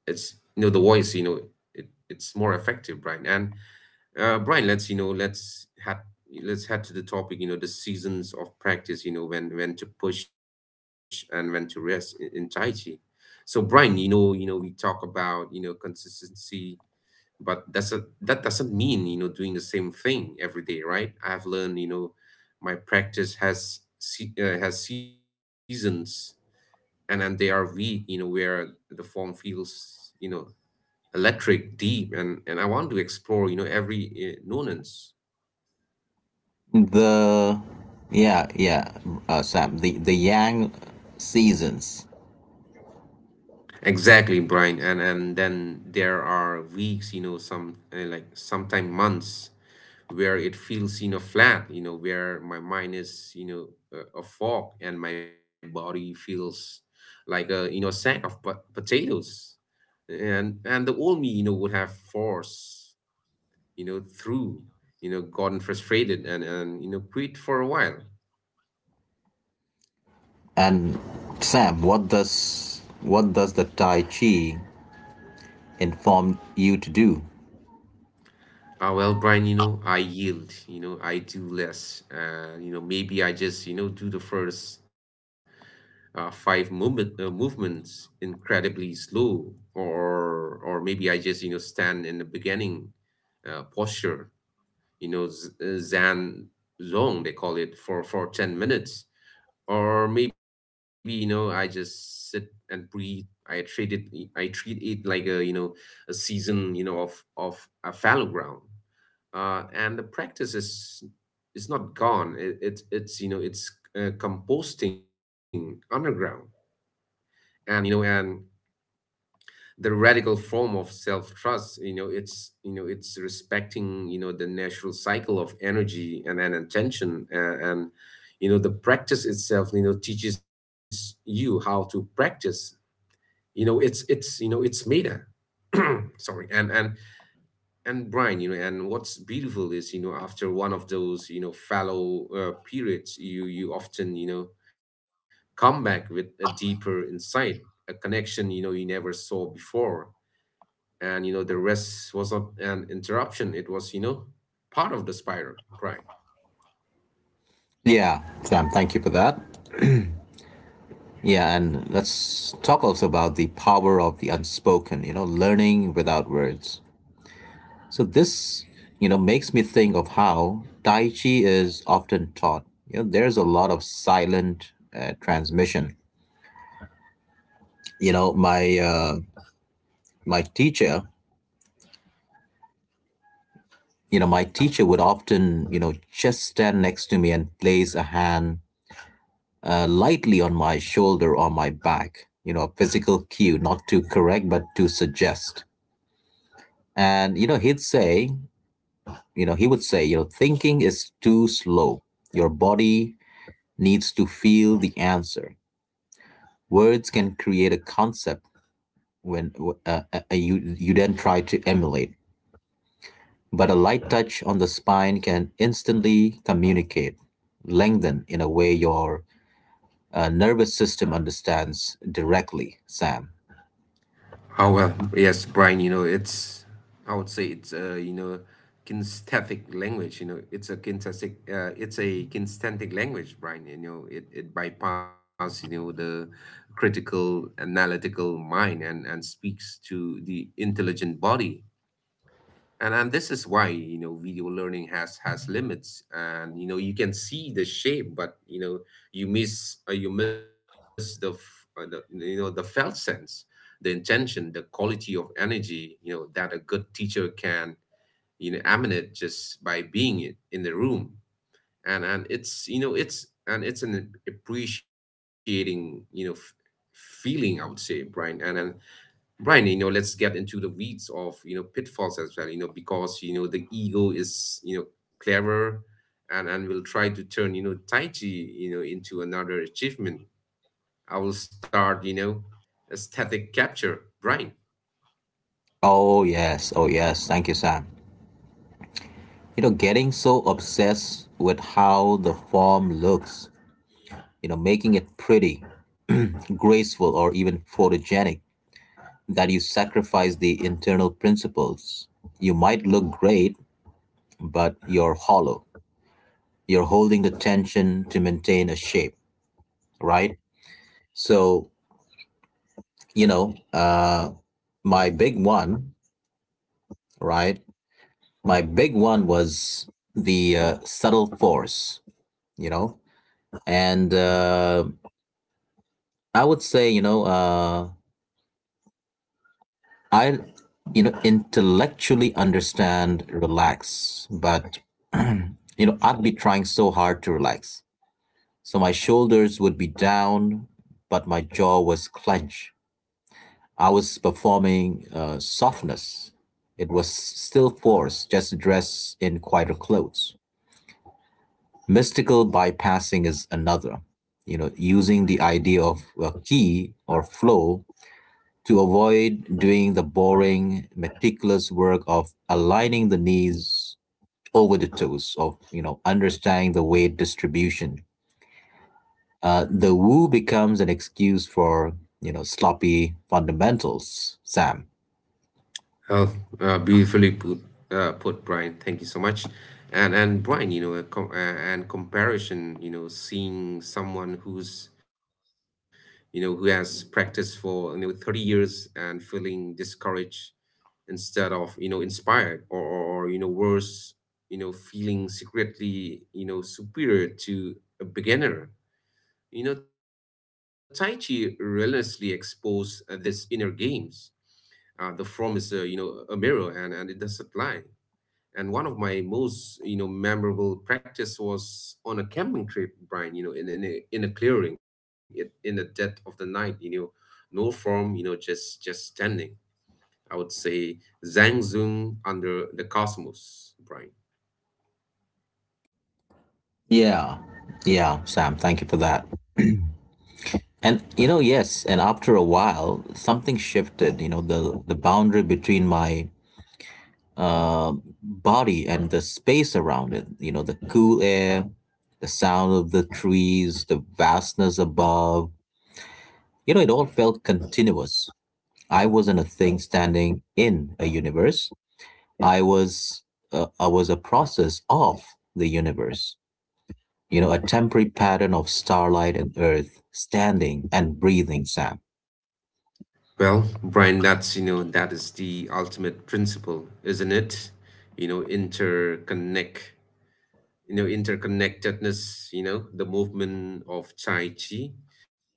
[SPEAKER 2] it's, you know, the voice, you know, it's more effective, right? And Brian, let's head to the topic. You know, the seasons of practice. You know, when to push and when to rest in Tai Chi. So, Brian, you know, we talk about, you know, consistency, but that doesn't mean, you know, doing the same thing every day, right? I have learned, you know, my practice has has seasons, and then they are weak. You know, where the form feels, you know, electric, deep, and I want to explore, you know, every nuance.
[SPEAKER 1] The, yeah, yeah, Sam, the Yang seasons.
[SPEAKER 2] Exactly, Brian. And then there are weeks, you know, some like sometime months where it feels, you know, flat, you know, where my mind is, you know, a fog and my body feels like a, you know, a sack of potatoes. And the old me, you know, would have forced, you know, through, you know, gotten frustrated and you know, quit for a while.
[SPEAKER 1] And Sam, what does the Tai Chi inform you to do?
[SPEAKER 2] Well, Brian, you know, I yield, you know, I do less. You know, maybe I just, you know, do the first, five movements incredibly slow. Or maybe I just, you know, stand in the beginning, posture, you know, zen zone, they call it, for 10 minutes. Or maybe, you know, I just sit and breathe. i treat it I treat it like a, you know, a season, you know, of a fallow ground. And the practice is not gone. It's it's composting underground. And, you know, and the radical form of self-trust, you know, it's respecting, you know, the natural cycle of energy and attention and you know, the practice itself, you know, teaches you how to practice. You know, it's meta. (clears throat) Sorry. And Brian, you know, and what's beautiful is, you know, after one of those, you know, fallow, periods, you often, you know, come back with a deeper insight, a connection, you know, you never saw before. And, you know, the rest was not an interruption, it was, you know, part of the spiral, Brian.
[SPEAKER 1] Yeah, Sam, thank you for that. Yeah, and let's talk also about the power of the unspoken, you know, learning without words. So this, makes me think of how Tai Chi is often taught. You know, there's a lot of silent transmission. You know, my teacher, you know, my teacher would often, just stand next to me and place a hand lightly on my shoulder or my back. You know, a physical cue, not to correct but to suggest. And you know, he'd say, you know, he would say, thinking is too slow. Your body needs to feel the answer. Words can create a concept when you you then try to emulate, but a light touch on the spine can instantly communicate, lengthen in a way your nervous system understands directly, Sam.
[SPEAKER 2] How Well, yes, Brian, you know, it's I would say it's a, you know, kinesthetic language. You know, it's a kinesthetic language, Brian. You know, it bypasses, you know, the critical analytical mind and speaks to the intelligent body. And this is why, you know, video learning has limits. And, you know, you can see the shape, but, you know, you miss the, f- the you know the felt sense, the intention, the quality of energy, you know, that a good teacher can, you know, emanate just by being in the room. And it's an appreciating, you know, feeling, I would say, Brian. And Brian, you know, let's get into the weeds of, you know, pitfalls as well, you know, because, you know, the ego is, you know, clever and will try to turn, you know, Tai Chi, you know, into another achievement. I will start, you know, aesthetic capture, Brian.
[SPEAKER 1] Oh yes, oh yes. Thank you, Sam. You know, getting so obsessed with how the form looks, you know, making it pretty, graceful, or even photogenic, that you sacrifice the internal principles. You might look great, but you're hollow. You're holding the tension to maintain a shape, right? So, you know, uh, my big one, right? My big one was the subtle force, you know, and I would say, I, intellectually understand relax, but you know, I'd be trying so hard to relax. So my shoulders would be down, but my jaw was clenched. I was performing softness. It was still force, just dressed in quieter clothes. Mystical bypassing is another, you know, using the idea of a key or flow to avoid doing the boring, meticulous work of aligning the knees over the toes, of, understanding the weight distribution. The woo becomes an excuse for, sloppy fundamentals, Sam.
[SPEAKER 2] Oh, beautifully put, Brian. Thank you so much. And Brian, you know, a com- and comparison, you know, seeing someone who has practiced for, you know, 30 years and feeling discouraged instead of, you know, inspired, or you know, worse, you know, feeling secretly, you know, superior to a beginner. You know, Tai Chi relentlessly expose, this inner games, the form is a, you know, a mirror, and it doesn't lie. And one of my most, you know, memorable practice was on a camping trip, Brian. You know, in a clearing, in the dead of the night. You know, no form. You know, just standing. I would say Zhang Zhong under the cosmos, Brian.
[SPEAKER 1] Yeah, yeah, Sam, thank you for that. And you know, yes, and after a while, something shifted, you know, the boundary between my body and the space around it, you know, the cool air, the sound of the trees, the vastness above, it all felt continuous. I wasn't a thing standing in a universe. I was a process of the universe, you know, a temporary pattern of starlight and earth, standing and breathing, Sam.
[SPEAKER 2] Well, Brian, that's you know that is the ultimate principle, isn't it? You know, interconnectedness. You know, the movement of Chai Chi.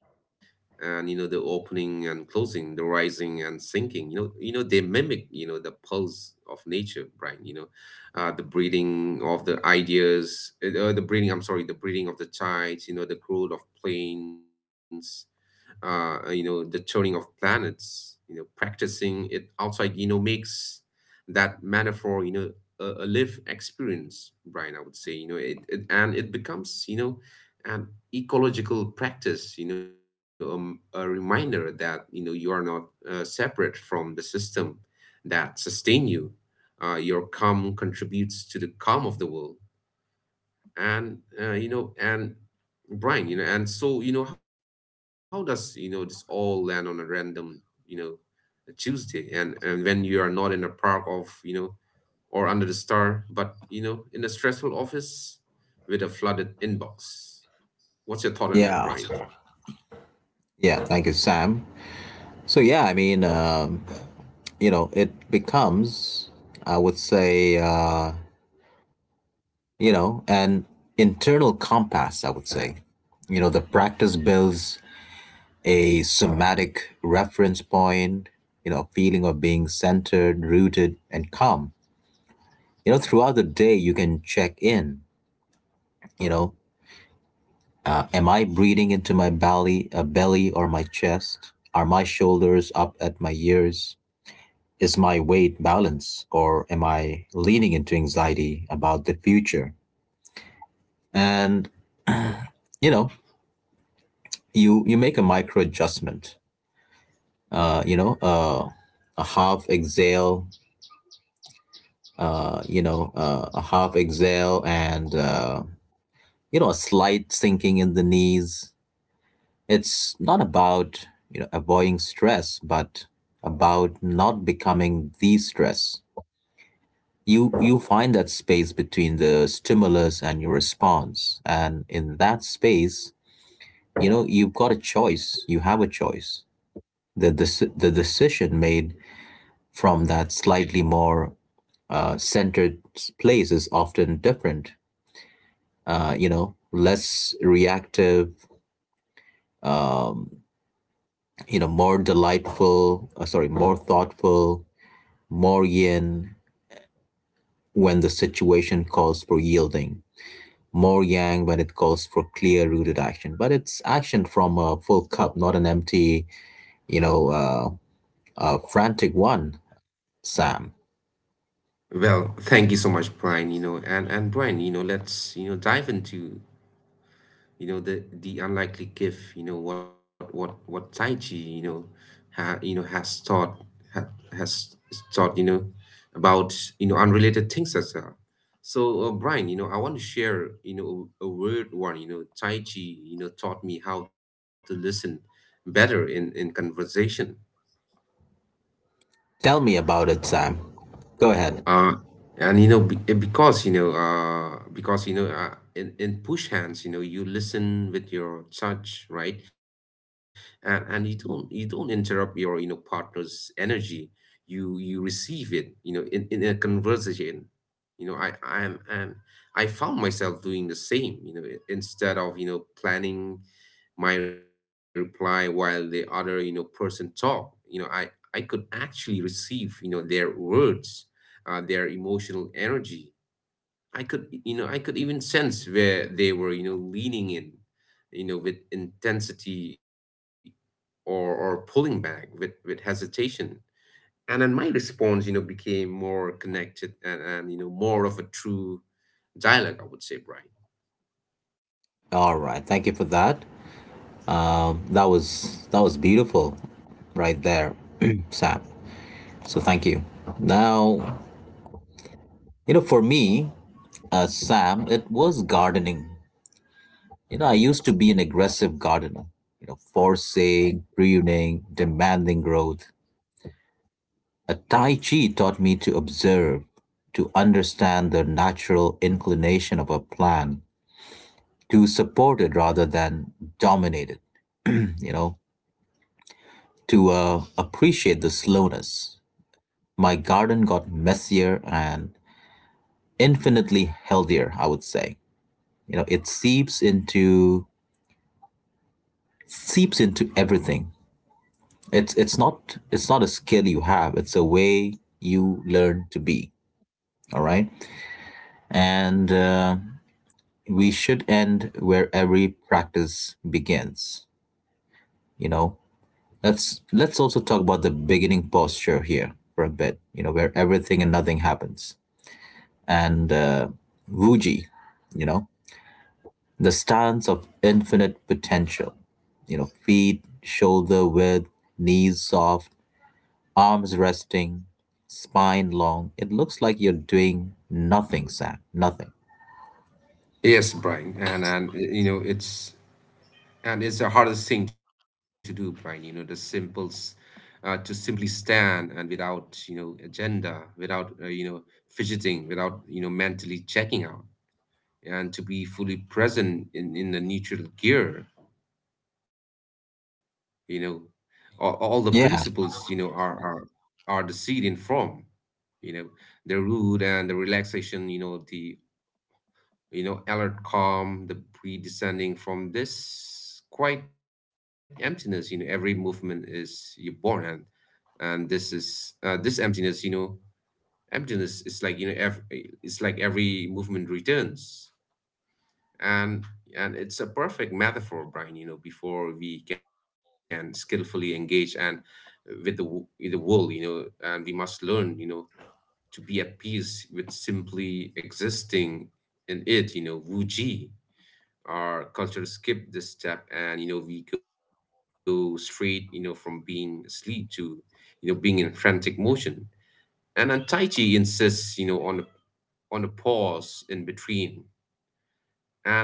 [SPEAKER 2] And, you know, the opening and closing, the rising and sinking, you know they mimic, you know, the pulse of nature, Brian, you know. The breeding of the ideas, the breeding. I'm sorry, the breeding of the tides, you know, the growth of planes. uh, you know, the turning of planets. You know, practicing it outside, you know, makes that metaphor, you know, a live experience, Brian. I would say, you know, it becomes, you know, an ecological practice. You know, a reminder that, you know, you are not, separate from the system that sustain you. Your calm contributes to the calm of the world. And Brian, you know, and so, you know, how does, you know, this all land on a random, you know, a Tuesday and when you are not in a park of, you know, or under the star but, you know, in a stressful office with a flooded inbox. What's your thought on that,
[SPEAKER 1] Yeah.
[SPEAKER 2] Brian?
[SPEAKER 1] Yeah, thank you, Sam. So, yeah, I mean, it becomes, I would say, an internal compass, I would say. You know, the practice builds a somatic reference point, you know, feeling of being centered, rooted, and calm. You know, throughout the day, you can check in, you know, am I breathing into my belly, a belly or my chest? Are my shoulders up at my ears? Is my weight balanced or am I leaning into anxiety about the future? And you know, you make a micro adjustment. Uh, you know, uh, a half exhale. A half exhale and a slight sinking in the knees. It's not about, avoiding stress, but about not becoming the stress. You find that space between the stimulus and your response. And in that space, you've got a choice. You have a choice. The decision made from that slightly more centered place is often different. You know, less reactive, more thoughtful, more yin, when the situation calls for yielding, more yang when it calls for clear rooted action. But it's action from a full cup, not an empty, you know, uh, frantic one, Sam.
[SPEAKER 2] Well, thank you so much, Brian. You know, and Brian, you know, let's, you know, dive into, you know, the unlikely gift. You know, what Tai Chi, you know, ha, you know has taught ha, has taught, you know, about, you know, unrelated things as well. So, Brian, you know, I want to share, you know, a weird one. You know, Tai Chi, you know, taught me how to listen better in conversation.
[SPEAKER 1] Tell me about it, Sam. Go ahead.
[SPEAKER 2] Uh, and, you know, because, in push hands, you know, you listen with your touch, right? And you don't interrupt your, you know, partner's energy. You receive it, in a conversation. You know I am and I found myself doing the same, instead of planning my reply while the other, person talk. I could actually receive, their words, their emotional energy. I could, I could even sense where they were, leaning in, with intensity, or pulling back with hesitation. And then my response, became more connected, and more of a true dialogue, I would say, Brian.
[SPEAKER 1] All right. Thank you for that. That was beautiful, right there, (clears throat) Sam. So thank you. Now, for me, Sam, it was gardening. You know, I used to be an aggressive gardener, you know, forcing, pruning, demanding growth. A Tai Chi taught me to observe, to understand the natural inclination of a plant, to support it rather than dominate it, you know, to appreciate the slowness. My garden got messier and infinitely healthier, I would say. You know, it seeps into everything. It's not a skill you have. It's a way you learn to be. All right, and we should end where every practice begins. You know, let's also talk about the beginning posture here for a bit. You know, where everything and nothing happens, and Vuji, you know, the stance of infinite potential, you know, feet shoulder width, knees soft, arms resting, spine long. It looks like you're doing nothing, Sam. Nothing.
[SPEAKER 2] Yes, Brian, and it's the hardest thing to do, Brian. The simples, to simply stand and without, agenda, without, fidgeting, without, mentally checking out, and to be fully present in the neutral gear. You know, all the principles,
[SPEAKER 1] Yeah,
[SPEAKER 2] are the seed in form. You know the root and the relaxation. Alert calm, the breed descending from this quite emptiness. Every movement is you born, and this is, this emptiness. Emptiness is like, it's like every movement returns. And and it's a perfect metaphor, Brian. Before we can skillfully engage, and with the with the world, you know, and we must learn, to be at peace with simply existing in it. Wuji, our culture skip this step, and we go straight, from being asleep to, being in frantic motion. And then Tai Chi insists, on on a pause in between.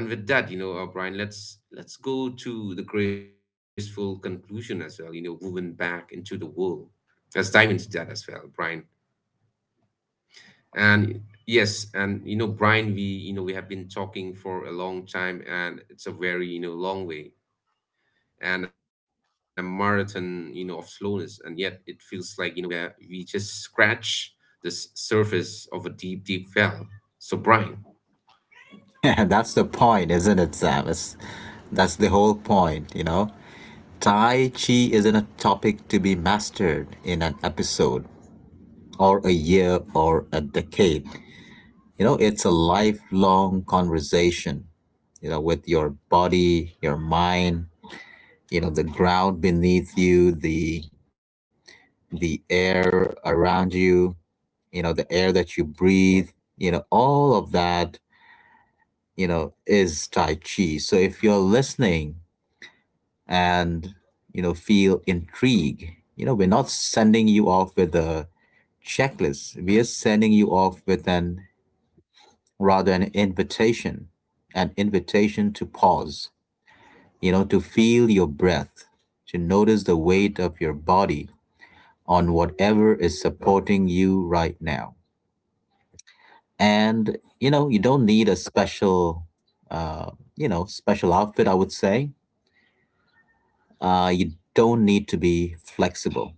[SPEAKER 2] And with that, Brian, let's go to the graceful conclusion as well, woven back into the world. Let's dive into that as well, Brian. And yes, and Brian, we you know we have been talking for a long time, and it's a very, long way, and a marathon, of slowness, and yet it feels like, we just scratch this surface of a deep, deep well. So, Brian.
[SPEAKER 1] (laughs) yeah, that's the point, isn't it, Sam? It's, that's the whole point, you know? Tai Chi isn't a topic to be mastered in an episode or a year or a decade. It's a lifelong conversation, with your body, your mind, the ground beneath you, the air around you, you know the air that you breathe, all of that, is Tai Chi. So if you're listening and feel intrigue, we're not sending you off with a checklist. We are sending you off with an rather an invitation, an invitation to pause, to feel your breath, to notice the weight of your body on whatever is supporting you right now. And you don't need a special, uh, special outfit, I would say. You don't need to be flexible.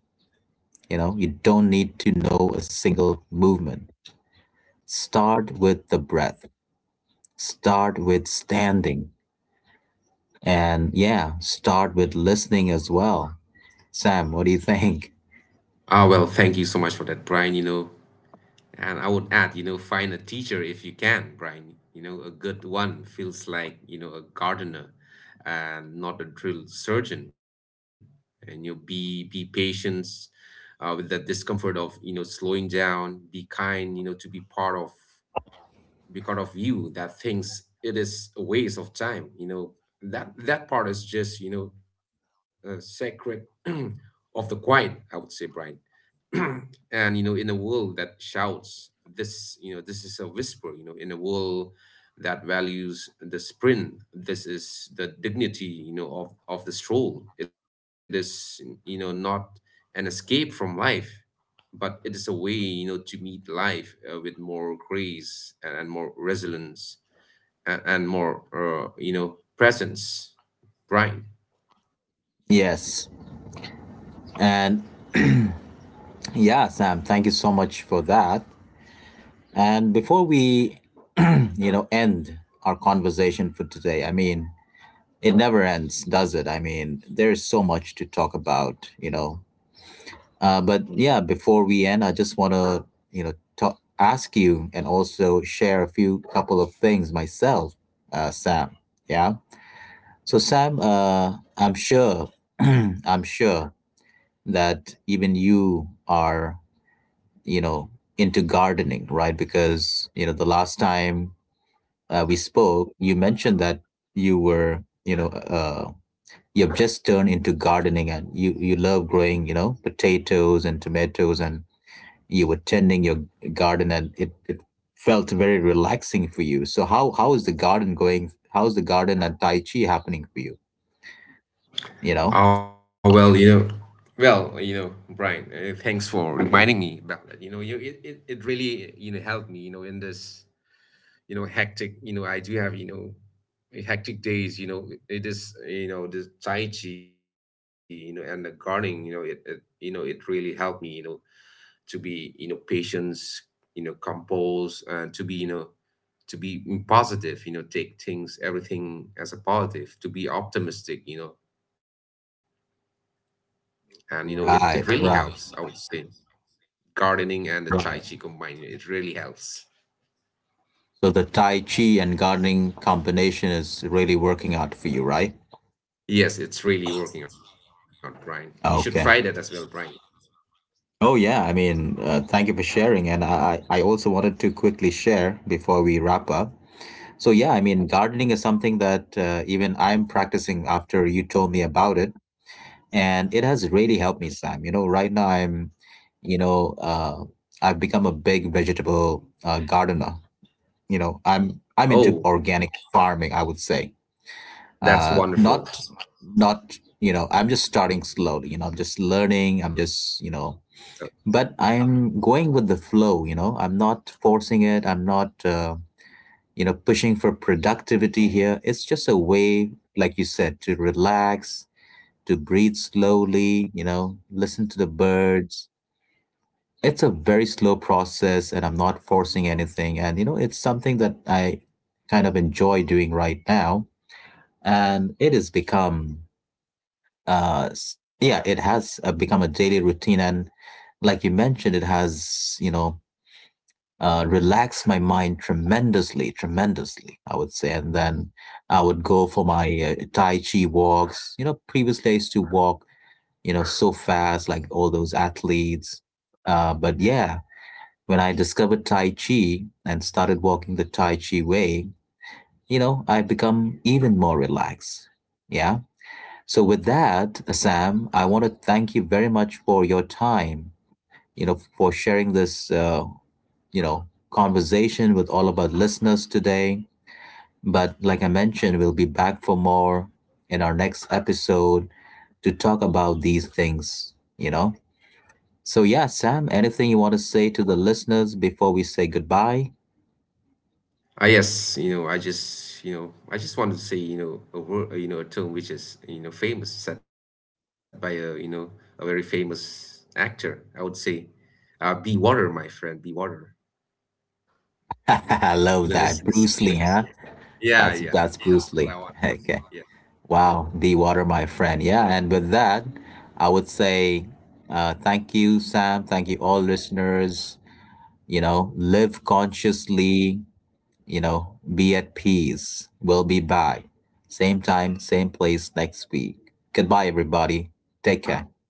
[SPEAKER 1] You don't need to know a single movement. Start with the breath, start with standing, and yeah, start with listening as well. Sam, what do you think?
[SPEAKER 2] Well, thank you so much for that, Brian. And I would add, find a teacher if you can, Brian. A good one feels like, a gardener, and not a drill surgeon. And you, be patient, with the discomfort of, slowing down, be kind, to be part of you that thinks it is a waste of time. That part is just, sacred (clears throat) of the quiet, I would say, Brian. (clears throat) And in a world that shouts, this is a whisper, in a world that values the sprint. This is the dignity, of the stroll. It is, not an escape from life, but it is a way, to meet life, with more grace, and more resilience, and more, presence. Right?
[SPEAKER 1] (laughs) Yes. And yeah, Sam, thank you so much for that. And before we end our conversation for today, I mean, it never ends, does it? I mean, there's so much to talk about. But yeah, before we end, I just want to, talk, ask you and also share a few couple of things myself, Sam. Yeah. So Sam, I'm sure, (clears throat) I'm sure that even you are, you know, into gardening, right? Because the last time we spoke, you mentioned that you were, you know, uh, you've just turned into gardening, and you love growing, potatoes and tomatoes, and you were tending your garden, and it felt very relaxing for you. So how is the garden going? How's the garden and Tai Chi happening for you? You know?
[SPEAKER 2] Oh well, Brian, thanks for reminding me about that. It really, helped me. In this, hectic, I do have, hectic days. It is, this Tai Chi, and the gardening. It really helped me. To be, patient, composed. To be, to be positive. Take things, everything, as a positive. To be optimistic. You know and you know it,
[SPEAKER 1] Right,
[SPEAKER 2] it really
[SPEAKER 1] right,
[SPEAKER 2] helps, I would say. Gardening and the
[SPEAKER 1] right.
[SPEAKER 2] Tai Chi combined, it really helps.
[SPEAKER 1] So the Tai Chi and gardening combination is really working out for you, right?
[SPEAKER 2] Yes, it's really working out, Brian. You should try
[SPEAKER 1] Okay.
[SPEAKER 2] that as well, Brian.
[SPEAKER 1] Oh yeah, I mean, thank you for sharing, and I also wanted to quickly share before we wrap up. So yeah, I mean, gardening is something that even I'm practicing after you told me about it, and it has really helped me, Sam. Right now you know, uh, I've become a big vegetable gardener. I'm into
[SPEAKER 2] Oh,
[SPEAKER 1] organic farming, I would say,
[SPEAKER 2] that's
[SPEAKER 1] not
[SPEAKER 2] wonderful.
[SPEAKER 1] not I'm just starting slowly. I'm just learning. I'm just
[SPEAKER 2] uh,
[SPEAKER 1] but I'm going with the flow. I'm not forcing it. I'm not, pushing for productivity here. It's just a way, like you said, to relax, to breathe slowly, listen to the birds. It's a very slow process, and I'm not forcing anything. And, it's something that I kind of enjoy doing right now. And it has become, yeah, it has become a daily routine. And like you mentioned, it has, relax my mind tremendously, tremendously, I would say. And then I would go for my Tai Chi walks. Previously I used to walk, so fast, like all those athletes. But yeah, when I discovered Tai Chi and started walking the Tai Chi way, I become even more relaxed. Yeah. So with that, Sam, I want to thank you very much for your time, for sharing this conversation with all of our listeners today. But like I mentioned, we'll be back for more in our next episode to talk about these things, you know? So, yeah, Sam, anything you want to say to the listeners before we say goodbye?
[SPEAKER 2] yes, I just want to say, a word, a term which is, famous, said by a you know a very famous actor, I would say. Be water, my friend. Be water.
[SPEAKER 1] (laughs) I love that.
[SPEAKER 2] To the
[SPEAKER 1] Bruce Lee, huh?
[SPEAKER 2] listeners.
[SPEAKER 1] That's
[SPEAKER 2] Yeah,
[SPEAKER 1] Bruce
[SPEAKER 2] yeah,
[SPEAKER 1] Lee. (laughs)
[SPEAKER 2] that's what I
[SPEAKER 1] Okay.
[SPEAKER 2] want. Yeah.
[SPEAKER 1] Wow, the water, my friend. Yeah, and with that, I would say thank you, Sam. Thank you, all listeners. Live consciously, be at peace. We'll be back. Same time, same place next week. Goodbye, everybody. Take care.